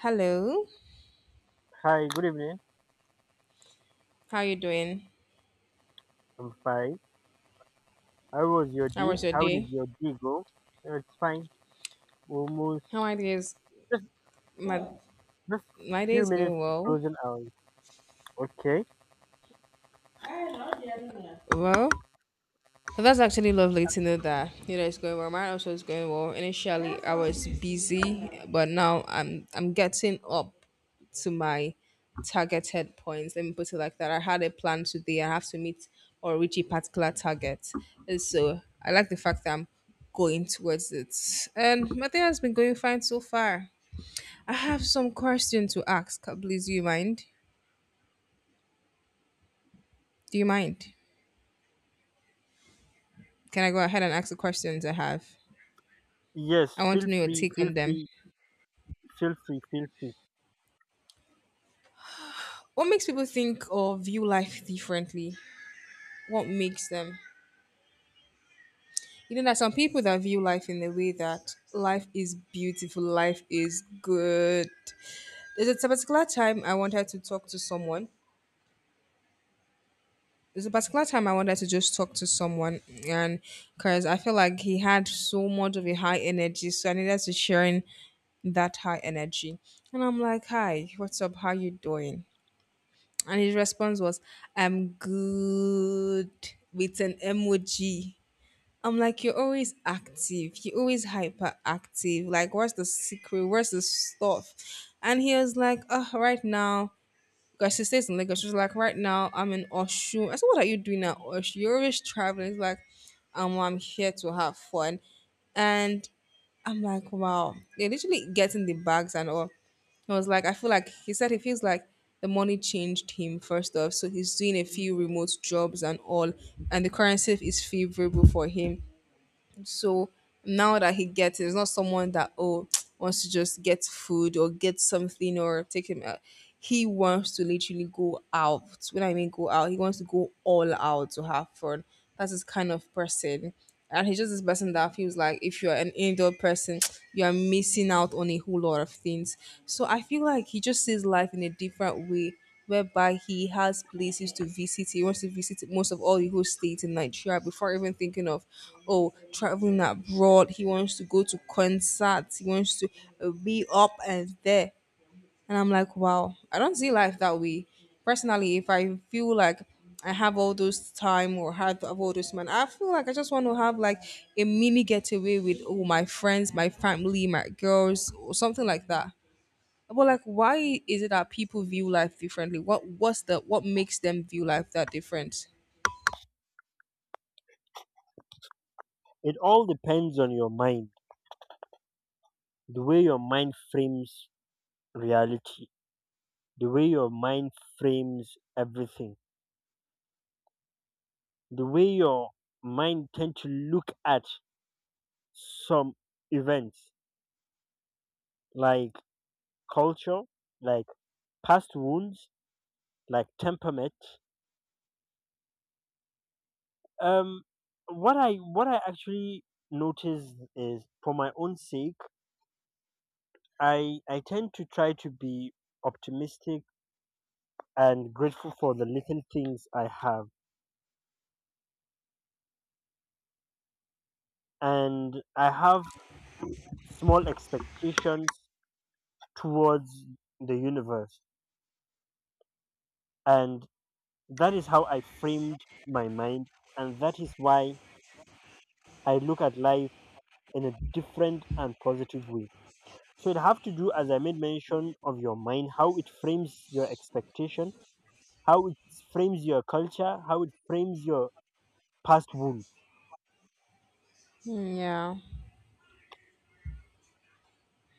Hello, Hi, good evening. how you doing? I'm fine. How was your How day? was your How did day? your day go? It's fine. Almost How my day is just my just my day few is minutes going to well. closing hours. Okay. Well, so that's actually lovely to know that it's going well. Mine also is going well. Initially, I was busy, but now I'm getting up to my targeted points. Let me put it like that. I had a plan today. I have to meet or reach a particular target. And so I like the fact that I'm going towards it, and my day has been going fine so far. I have some question to ask. Please, do you mind? Do you mind? Can I go ahead and ask the questions I have? Yes. I want Feel to know your free. take Feel on them. free. Feel free. Feel free. What makes people think or view life differently? What makes them? You know, there are some people that view life in the way that life is beautiful, life is good. There's a particular time I wanted to talk to someone. There's a particular time I wanted to just talk to someone, and because I feel like he had so much of a high energy, so I needed to share in that high energy. And I'm like, "Hi, what's up? How you doing?" And his response was, "I'm good," with an emoji. I'm like, "You're always active. You're always hyperactive. Like, what's the secret? What's the stuff?" And he was like, "Oh, right now." Because she stays in Lagos. She's like, right now I'm in Oshun. I said, what are you doing at Oshun? You're always traveling. It's like, well, I'm here to have fun. And I'm like, wow. They literally getting the bags and all. I was like, I feel like he said he feels like the money changed him first off. So he's doing a few remote jobs and all, and the currency is favorable for him. So now that he gets it, it's not someone that oh wants to just get food or get something or take him out. He wants to literally go out. When I mean go out, he wants to go all out to have fun. That's his kind of person. And he's just this person that feels like if you're an indoor person, you are missing out on a whole lot of things. So I feel like he just sees life in a different way whereby he has places to visit. He wants to visit most of all the whole state in Nigeria before even thinking of, oh, traveling abroad. He wants to go to concerts. He wants to be up and there. And I'm like, wow, I don't see life that way. Personally, if I feel like I have all those time or have all those man, I feel like I just want to have like a mini getaway with my friends, my family, my girls, or something like that. But like, why is it that people view life differently? What makes them view life that different? It all depends on your mind. The way your mind frames reality. The way your mind frames everything. The way your mind tend to look at some events like culture, like past wounds, like temperament. um what I actually notice is for my own sake, I tend to try to be optimistic and grateful for the little things I have, and I have small expectations towards the universe, and that is how I framed my mind, and that is why I look at life in a different and positive way. So it have to do, as I made mention, of your mind, how it frames your expectation, how it frames your culture, how it frames your past wound. Yeah.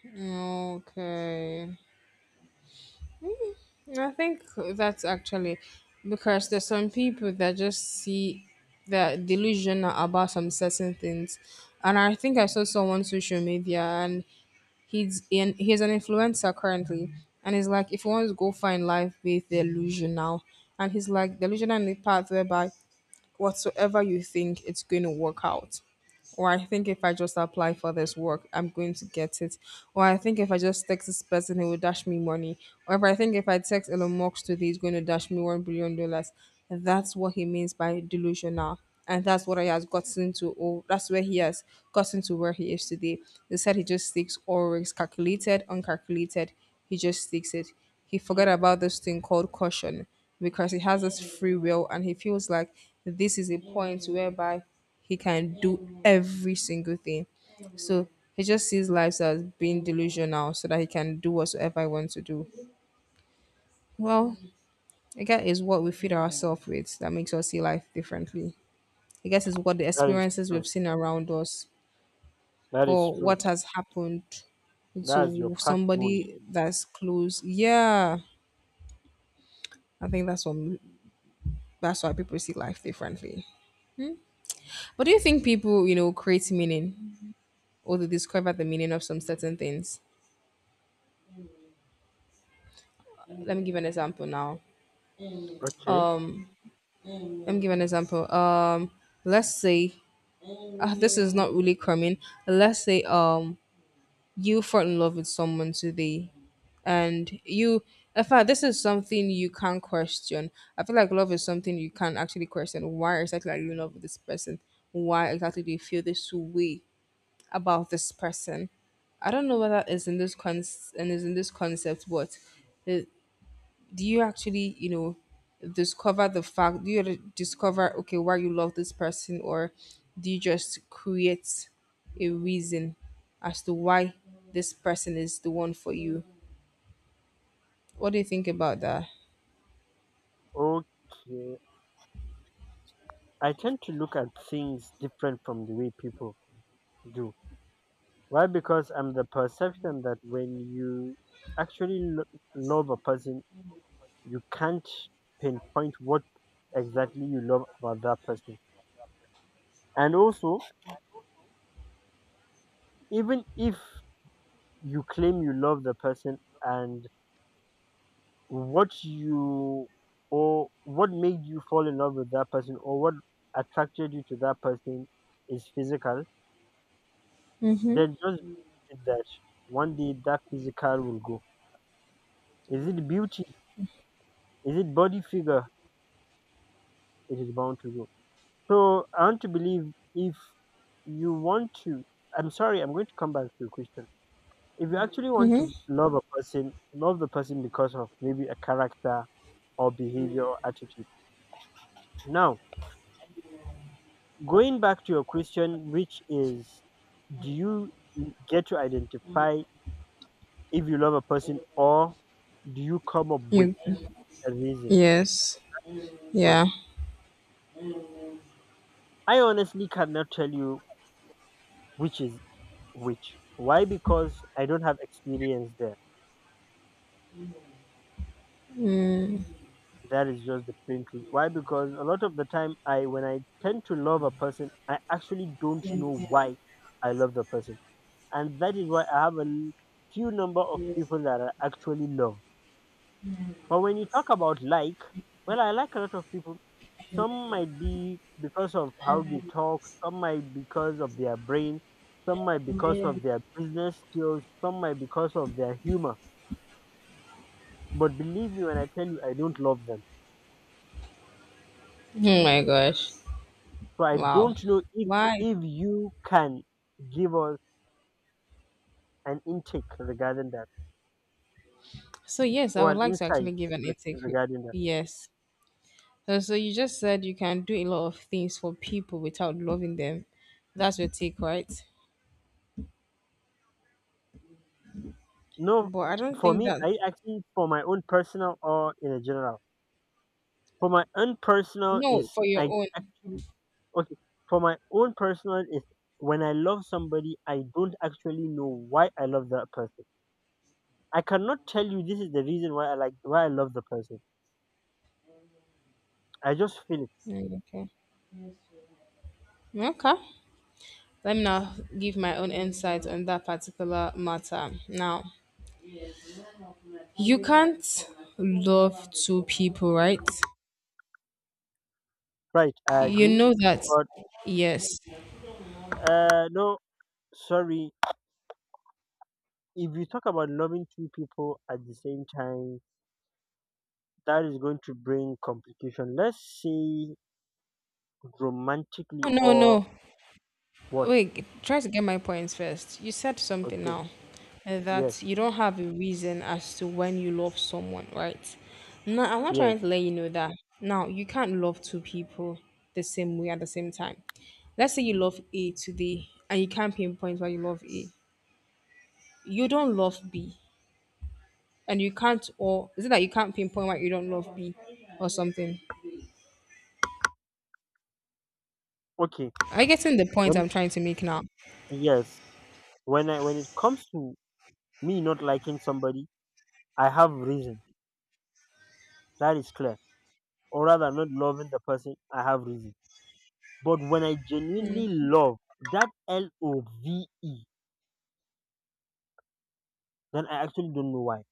Okay. I think that's actually because there's some people that just see they're delusional about some certain things. And I think I saw someone on social media, and he's an influencer currently, and he's like, if you want to go find life, be delusional. And he's like, delusional in the path whereby whatsoever you think it's going to work out, or I think if I just apply for this work I'm going to get it, or I think if I just text this person he will dash me money, or if I think if I text Elon Musk today he's going to dash me $1 billion. That's what he means by delusional, and that's what he has gotten to. Oh, that's where he has gotten to where he is today. They said he just thinks always calculated, uncalculated. He just thinks it. He forgot about this thing called caution because he has this free will and he feels like this is a point whereby he can do every single thing. So he just sees life as being delusional so that he can do whatsoever he wants to do. Well, I guess is what we feed ourselves with that makes us see life differently. I guess it's what the That is experiences true. we've seen around us That is or true. what has happened That is your to past wound. somebody that's close. Yeah, I think that's what that's why people see life differently. But do you think people, you know, create meaning or they discover the meaning of some certain things? Let me give an example now. Okay. Um, Let me give an example. Let's say this is not really coming. Let's say you fall in love with someone today, and you, in fact, this is something you can't question. I feel like love is something you can't actually question. Why exactly are you in love with this person? Why exactly do you feel this way about this person? I don't know whether it's in this con and is in this concept, but it, do you actually, discover the fact, do you discover, okay, why you love this person, or do you just create a reason as to why this person is the one for you? What do you think about that? Okay. I tend to look at things different from the way people do. Why? Because I'm the perception that when you actually lo- love a person, you can't pinpoint what exactly you love about that person. And also, even if you claim you love the person, and what you or what made you fall in love with that person, or what attracted you to that person is physical, Mm-hmm. then just believe that one day that physical will go. Is it beauty? Is it body figure? It is bound to go. So I want to believe, if you want to, I'm sorry, I'm going to come back to your question. If you actually want Mm-hmm. to love a person, love the person because of maybe a character or behavior or attitude. Now, going back to your question, which is, do you get to identify if you love a person, or do you come up with You. a reason? Yes. Good. Yeah. I honestly cannot tell you which is which. Why? Because I don't have experience there. Mm. That is just the plain truth. Why? Because a lot of the time I when I tend to love a person, I actually don't know Oh why I love the person. And that is why I have a few number of people that I actually love. But when you talk about like, well, I like a lot of people. Some might be because of how they talk, some might because of their brain, some might because of their business skills, some might because of their humor. But believe me when I tell you, I don't love them. my gosh. So I Wow. don't know if Why? if you can give us an intake regarding that So yes, I or would an like to insight actually give an ethic. regarding that. Yes. So you just said you can do a lot of things for people without loving them. That's your take, right? No, But I don't for think me, that. I actually, for my own personal or in a general. For my own personal No, is for your I own. actually Okay, for my own personal is, when I love somebody, I don't actually know why I love that person. I cannot tell you this is the reason why I like, why I love the person. I just feel it. Mm, okay. Okay. Let me now give my own insight on that particular matter. Now, you can't love two people, right? Right, I You agree. know that. But Yes. uh no, sorry. If you talk about loving two people at the same time, that is going to bring complication. Let's say romantically No, no. or No. what? Wait, try to get my points first. You said something Okay. now, Yes. that you don't have a reason as to when you love someone, right? No, I'm not Yes. trying to let you know that. Now, you can't love two people the same way at the same time. Let's say you love A today and you can't pinpoint why you love A. You don't love B and you can't, or is it that you can't pinpoint why you don't love B or something? Okay. Are you getting the point When I'm trying to make now? yes. When I when it comes to me not liking somebody, I have reason. That is clear. Or rather, not loving the person. I have reason. But when I genuinely love, that love, then I actually don't know why.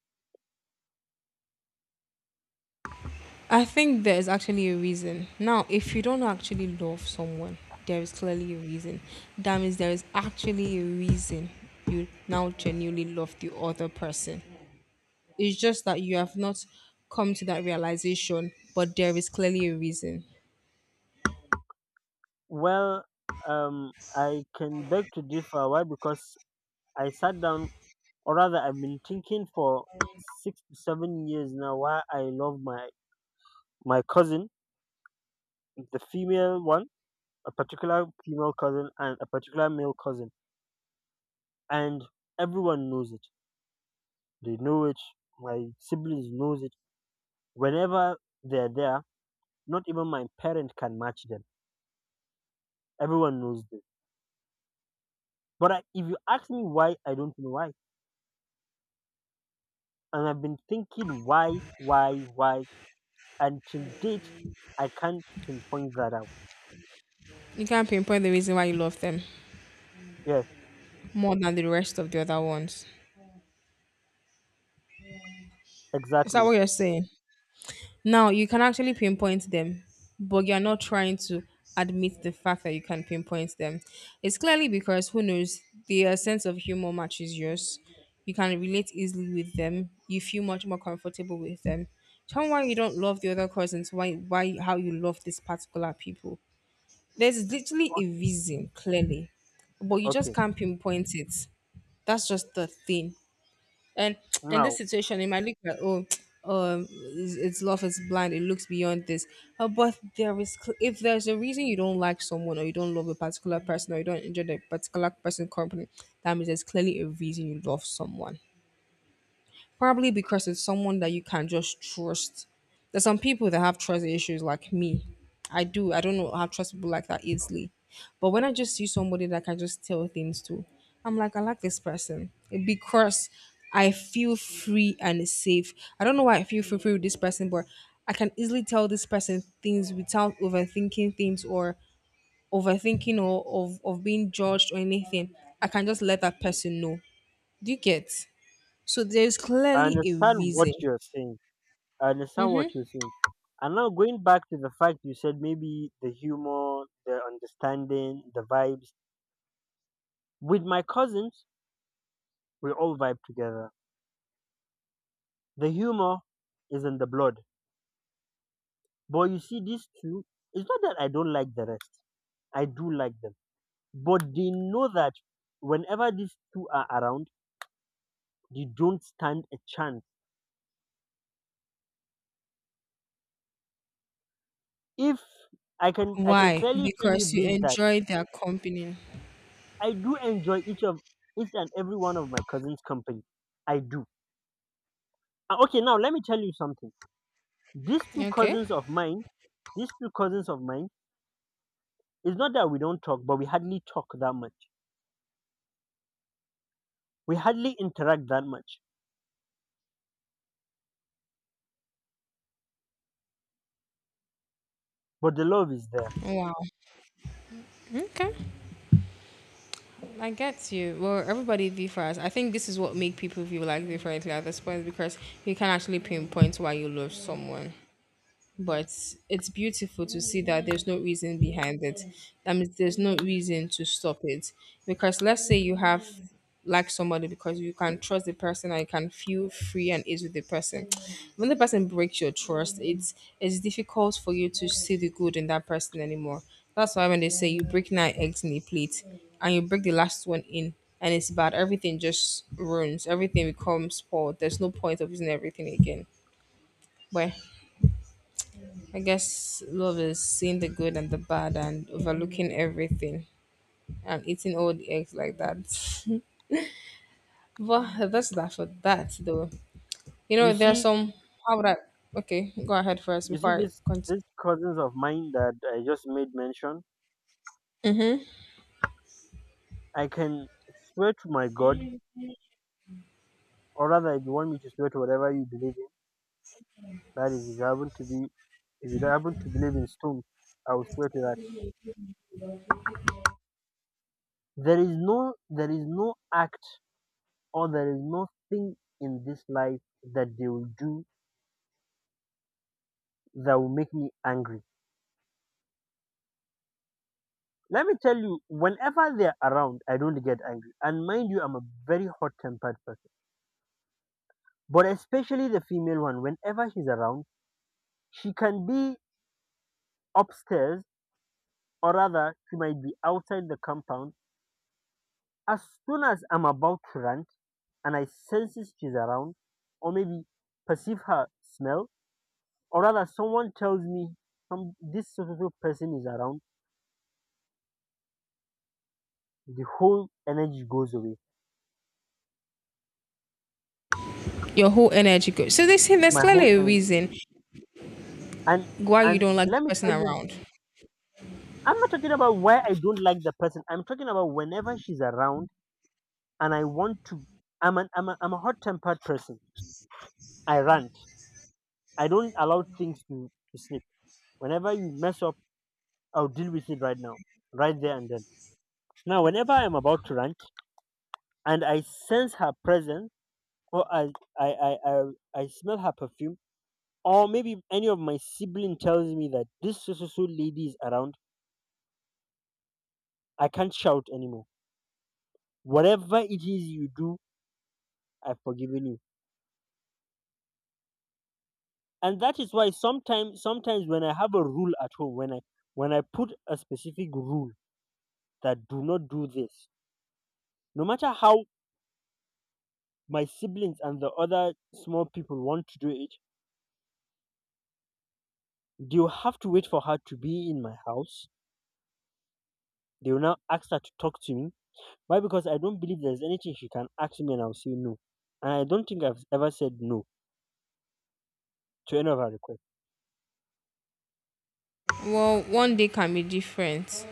I think there is actually a reason. Now, if you don't actually love someone, there is clearly a reason. That means there is actually a reason you now genuinely love the other person. It's just that you have not come to that realization, but there is clearly a reason. Well, I can beg to differ. Why? Because I sat down, or rather, I've been thinking for 6 to 7 years now why I love my cousin, the female one, a particular female cousin, and a particular male cousin, and everyone knows it. They know it. My siblings knows it whenever they're there, not even my parent can match them. Everyone knows this. But if you ask me why, I don't know why. And I've been thinking why, why. Until date, I can't pinpoint that out. You can't pinpoint the reason why you love them Yes, more than the rest of the other ones. Is that exactly. what you're saying? Now you can actually pinpoint them, but you're not trying to admit the fact that you can pinpoint them. It's clearly because who knows, their sense of humor matches yours. You can relate easily with them. You feel much more comfortable with them. Tell me why you don't love the other cousins, why, how you love this particular people. There's literally a Okay. reason, clearly. But you just Okay. can't pinpoint it. That's just the thing. And in this Now, situation, it might look like, oh, it's love is blind. It looks beyond this. But if there's a reason you don't like someone or you don't love a particular person or you don't enjoy that particular person company, that means there's clearly a reason you love someone. Probably because it's someone that you can just trust. There's some people that have trust issues like me. I do. I don't know how trust people like that easily. But when I just see somebody that I can just tell things to, I'm like, I like this person because I feel free and safe. I don't know why I feel free with this person, but I can easily tell this person things without overthinking things or overthinking or of being judged or anything. I can just let that person know. Do you get? So there's I clearly a understand what reason. you're saying. I understand what you're saying. And now going back to the fact you said maybe the humor, the understanding, the vibes. With my cousins, we all vibe together. The humor is in the blood. But you see, these two, it's not that I don't like the rest. I do like them. But they know that whenever these two are around, they don't stand a chance. If I can I can Why? clearly tell you Because you this, that enjoy their company. I do enjoy each and every one of my cousins' company. I do. Ah, okay, now let me tell you something. These two Okay. cousins of mine, these two cousins of mine, it's not that we don't talk, but we hardly talk that much. We hardly interact that much. But the love is there. Wow. Okay. I get you. Well, everybody differs. I think this is what make people feel like differently at this point because you can actually pinpoint why you love someone. But it's beautiful to see that there's no reason behind it. That means there's no reason to stop it. Because let's say you have like somebody because you can trust the person and you can feel free and easy with the person. When the person breaks your trust, it's difficult for you to see the good in that person anymore. That's why when they say you break nine eggs in a plate and you break the last one in and it's bad, everything just ruins. Everything becomes spoiled. There's no point of using everything again. Where, I guess, love is seeing the good and the bad and overlooking everything and eating all the eggs like that. But that's that for that though. You There's see, some how would I okay, go ahead first You see before I this continue. these cousins of mine that I just made mention. Mm-hmm. I can swear to my God, or rather, if you want me to swear to whatever you believe in, that is, if you happen to be, if you happen to believe in stone, I will swear to that. There is no act, or there is no thing in this life that they will do that will make me angry. Let me tell you, whenever they're around, I don't get angry. And mind you, I'm a very hot-tempered person. But especially the female one, whenever she's around. She can be upstairs, or rather, she might be outside the compound. As soon as I'm about to rant and I senses she's around, or maybe perceive her smell, or rather, someone tells me some this specific person is around, the whole energy goes away. Your whole energy goes. So they say there's My whole clearly a energy. reason and why you and don't like let the me person tell you, around. I'm not talking about why I don't like the person. I'm talking about whenever she's around and I want to. I'm a hot tempered person. I rant. I don't allow things to slip. Whenever you mess up, I'll deal with it right now, right there and then. Now, whenever I'm about to rant and I sense her presence, or I, I, I, I smell her perfume, or maybe any of my sibling tells me that this so so so lady is around, I can't shout anymore. Whatever it is you do, I've forgiven you. And that is why sometimes when I have a rule at home, when I put a specific rule that do not do this, no matter how my siblings and the other small people want to do it, they will have to wait for her to be in my house. They will now ask her to talk to me. Why? Because I don't believe there's anything she can ask me and I'll say no. And I don't think I've ever said no to any of her requests. Well, one day can be different.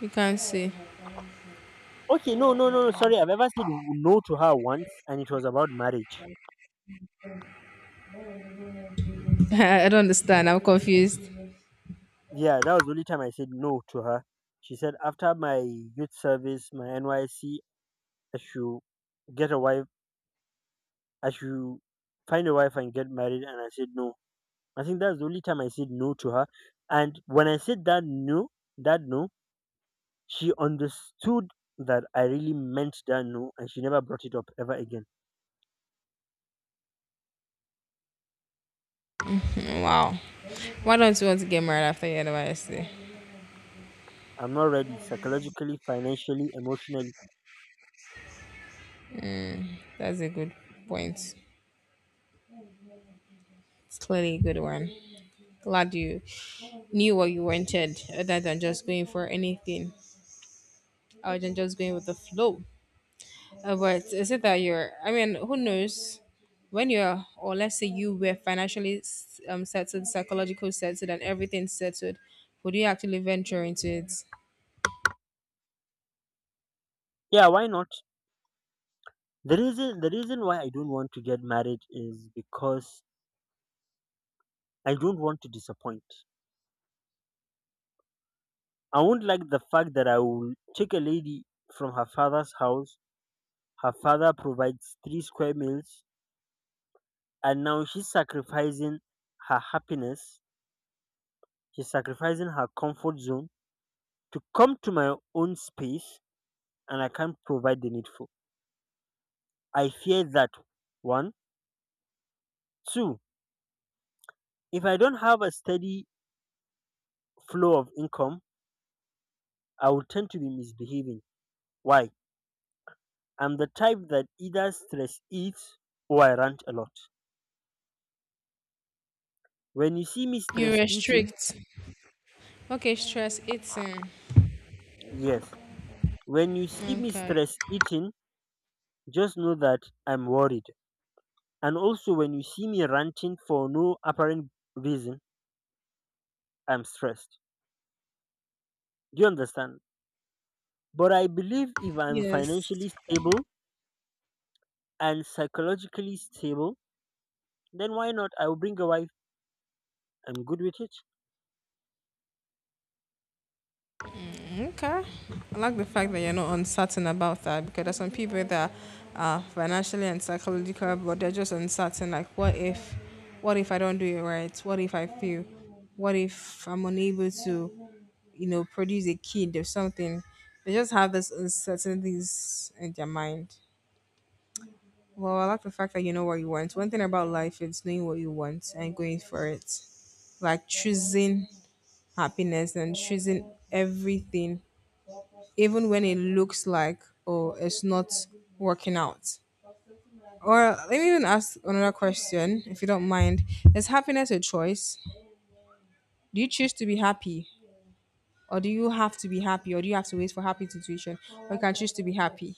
You can't say. Okay, no, no, no, no. Sorry, I've ever said no to her once, and it was about marriage. I don't understand. I'm confused. Yeah, that was the only time I said no to her. She said after my youth service, my NYC, I should get a wife. I should find a wife and get married. And I said no. I think that's the only time I said no to her. And when I said that no, that no, she understood that I really meant that no, and she never brought it up ever again. Wow. Why don't you want to get married after your anniversary? I'm not ready psychologically, financially, emotionally. That's a good point. It's clearly a good one. Glad you knew what you wanted other than just going for anything other than just going with the flow. But is it that you're, I mean, who knows? When you're, or let's say you were financially settled, psychological settled, and everything settled, would you actually venture into it? Yeah, why not? The reason why I don't want to get married is because I don't want to disappoint. I won't like the fact that I will take a lady from her father's house, her father provides three square meals, and now she's sacrificing her happiness. She's sacrificing her comfort zone to come to my own space, and I can't provide the needful. I fear that. One. Two. If I don't have a steady flow of income, I will tend to be misbehaving. Why? I'm the type that either stress eats or I rant a lot. When you see me You stress eating, restrict. Okay, stress eating. yes. When you see me Okay. stress eating, just know that I'm worried. And also, when you see me ranting for no apparent reason, I'm stressed. Do you understand? But I believe if I'm Yes. financially stable and psychologically stable, then why not? I will bring a wife. I'm good with it Okay. I like the fact that you're not uncertain about that because there's some people that are financially and psychological, but they're just uncertain. Like, what if I don't do it right? What if I fail? What if I'm unable to, produce a kid or something? They just have these uncertainties in their mind. Well, I like the fact that you know what you want. One thing about life is knowing what you want and going for it, like choosing happiness and choosing everything even when it looks like, oh, it's not working out. Or let me even ask another question, if you don't mind: is happiness a choice? Do you choose to be happy, or do you have to be happy, or do you have to wait for happy situation, or you can choose to be happy?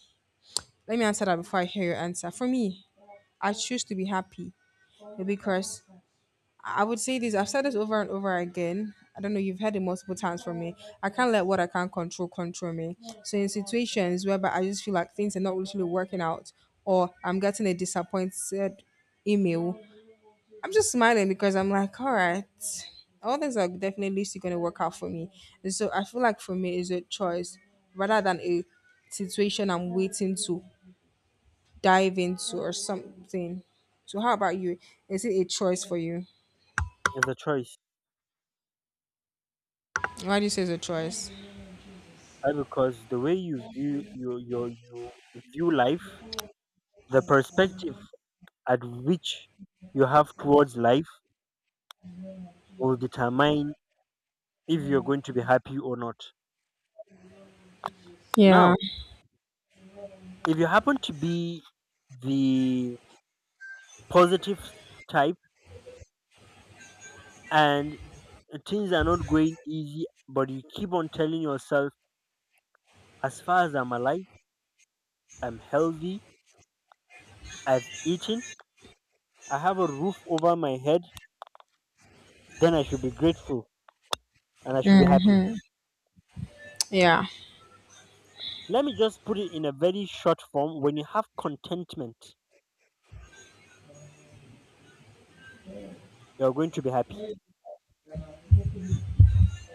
Let me answer that before I hear your answer for me. I choose to be happy because I would say this. I've said this over and over again. I don't know. You've heard it multiple times from me. I can't let what I can't control control me. So in situations whereby I just feel like things are not literally working out, or I'm getting a disappointed email, I'm just smiling because I'm like, all right, all things are definitely still going to work out for me. And so I feel like for me it's a choice rather than a situation I'm waiting to dive into or something. So how about you? Is it a choice for you? as a choice. Why do you say it's a choice? Why? Because the way you view your you view life, the perspective at which you have towards life will determine if you're going to be happy or not. Yeah, Now, if you happen to be the positive type, and things are not going easy, but you keep on telling yourself, as far as I'm alive, I'm healthy, I've eaten, I have a roof over my head, then I should be grateful and I should be happy. yeah. Let me just put it in a very short form. When you have contentment, you're going to be happy.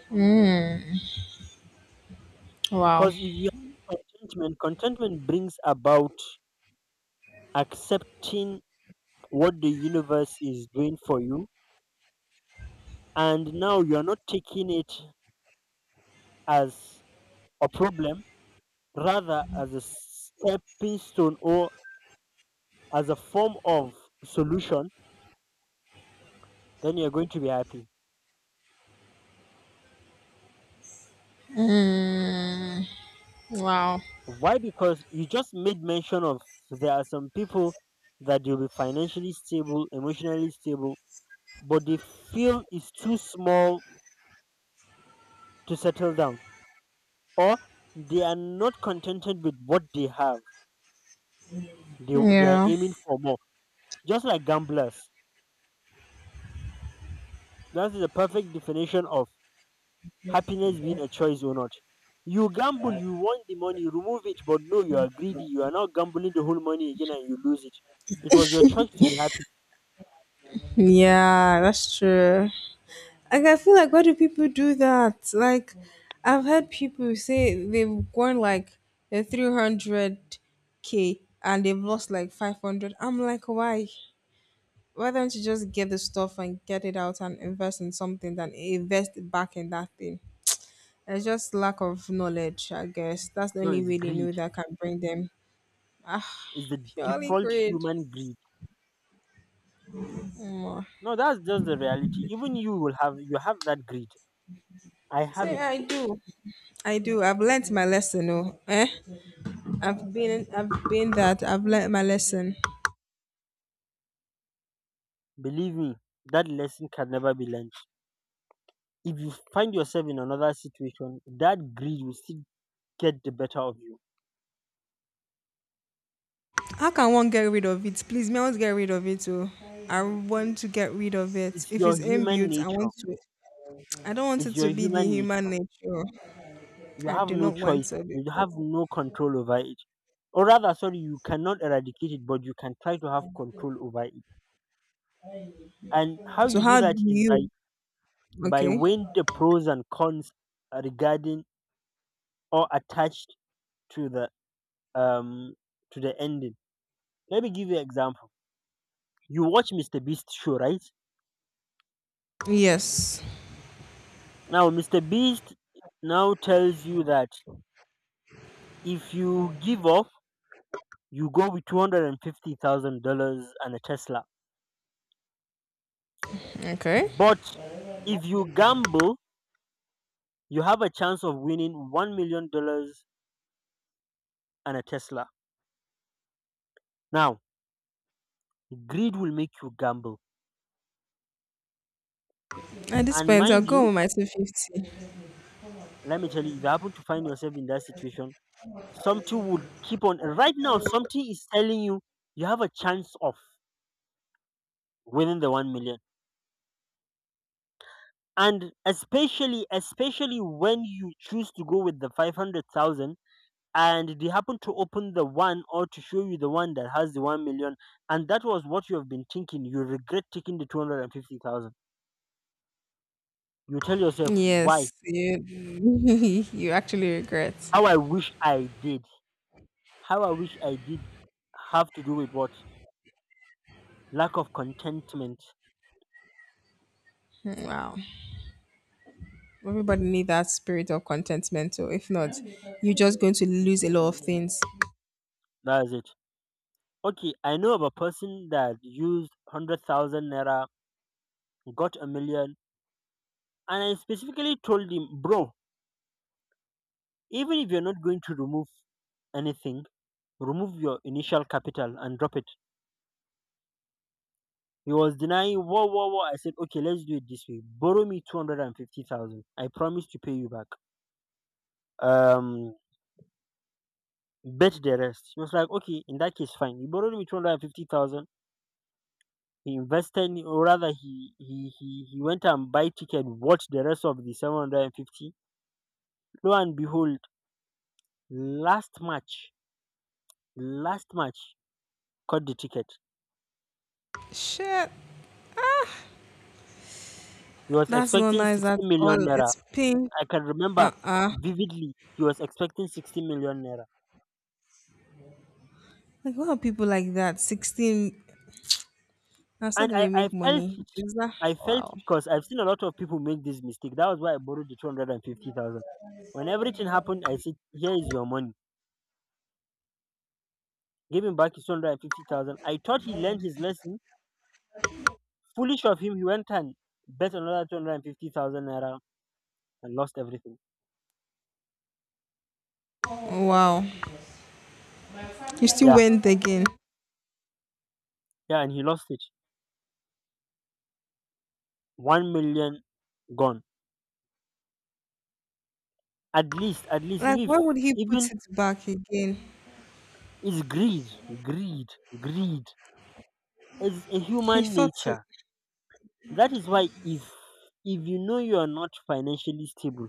Mm. Wow, Because if you have contentment, contentment brings about accepting what the universe is doing for you, and now you're not taking it as a problem, rather as a stepping stone or as a form of solution, then you're going to be happy. wow. Why? Because you just made mention of there are some people that you'll be financially stable, emotionally stable, but they feel is too small to settle down, or they are not contented with what they have. They are Yeah, aiming for more, just like gamblers. That is the perfect definition of happiness being a choice or not. You gamble, you want the money, remove it, but no, you are greedy. You are not gambling the whole money again and you lose it. It was your choice to be happy. yeah, that's true. Like, I feel like, why do people do that? Like, I've heard people say they've gone like a 300k and they've lost like 500. I'm like, why? Why don't you just get the stuff and get it out and invest in something than invest it back in that thing? It's just lack of knowledge, I guess. That's the No, only it's way they greed. know that can bring them. Ah, Is the purely default greed. human greed. Mm. No, that's just the reality. Even you will have you have that greed. I have Say it. I do. I do. I've learnt my lesson, oh. Eh? I've been that. I've learnt my lesson. Believe me, that lesson can never be learned. If you find yourself in another situation, that greed will still get the better of you. How can one get rid of it? Please, me, I want to get rid of it oh. I want to get rid of it. It's If your it's human inbuilt, I nature. want to. I don't want it It's your to be the human human nature. nature. You I have do no not choice. want to You have because no control over it. Or rather, sorry, you cannot eradicate it, but you can try to have control over it. And how so you do how do that is by you, by okay? weighing the pros and cons regarding or attached to the um to the ending. Let me give you an example. You watch Mr. Beast show, right? Yes. Now Mr. Beast now tells you that if you give up, you go with $250,000 and a Tesla. Okay. But if you gamble, you have a chance of winning $1 million and a Tesla. Now, greed will make you gamble. At this And point I'll mind go you, with my 250. let me tell you, if you happen to find yourself in that situation, something would keep on right now something is telling you you have a chance of winning the 1 million, and especially when you choose to go with the 500,000 and they happen to open the one or to show you the one that has the 1 million, and that was what you have been thinking. You regret taking the 250,000. You tell yourself, why? Yes. You, you actually regret. How I wish I did how I wish I did Have to do with what? Lack of contentment. Wow. Everybody need that spirit of contentment. So if not, you're just going to lose a lot of things. That's it. Okay, I know of a person that used 100,000 naira, got a million, and I specifically told him, bro, even if you're not going to remove anything, remove your initial capital and drop it. He was denying, whoa, whoa, whoa. I said, okay, let's do it this way. Borrow me 250,000. I promise to pay you back. Um, Bet the rest. He was like, okay, in that case, fine. He borrowed me 250,000. He invested, or rather, he went and buy ticket, watched the rest of the 750. Lo and behold, last match, last match, got the ticket. Shit. He was That's not expecting nice at 60 all. million naira. It's pain. I can remember Uh-uh. vividly, he was expecting 60 million naira. Like what are people like that? 16. That's how And do I, they I make felt money? it. Is that I felt wow. it because I've seen a lot of people make this mistake. That was why I borrowed the 250,000. When everything happened, I said, here is your money. Give him back his 250,000. I thought he learned his lesson. Foolish of him, he went and bet another 250,000 naira and lost everything. Wow. He still Yeah, went again. yeah, and he lost it. 1 million gone. At least Like if why would he put even, it back again? it's greed. Greed. Greed is a He human thought it nature. That is why if you know you are not financially stable,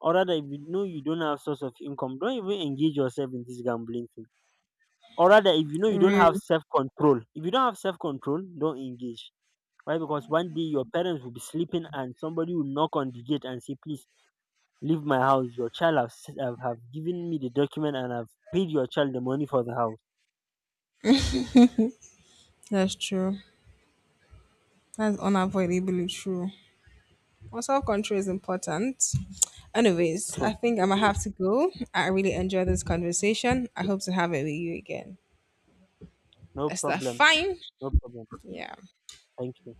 or rather if you know you don't have source of income, don't even engage yourself in this gambling thing. Or rather, if you know you don't have real. self-control, if you don't have self-control, don't engage. Why? Because one day your parents will be sleeping and somebody will knock on the gate and say, please leave my house, your child have given me the document and I've paid your child the money for the house. That's true. That's unavoidably true. Well, self control is important. Anyways, True. I think I'm gonna have to go. I really enjoyed this conversation. I hope to have it with you again. No Is that problem. fine? No problem. Yeah. Thank you.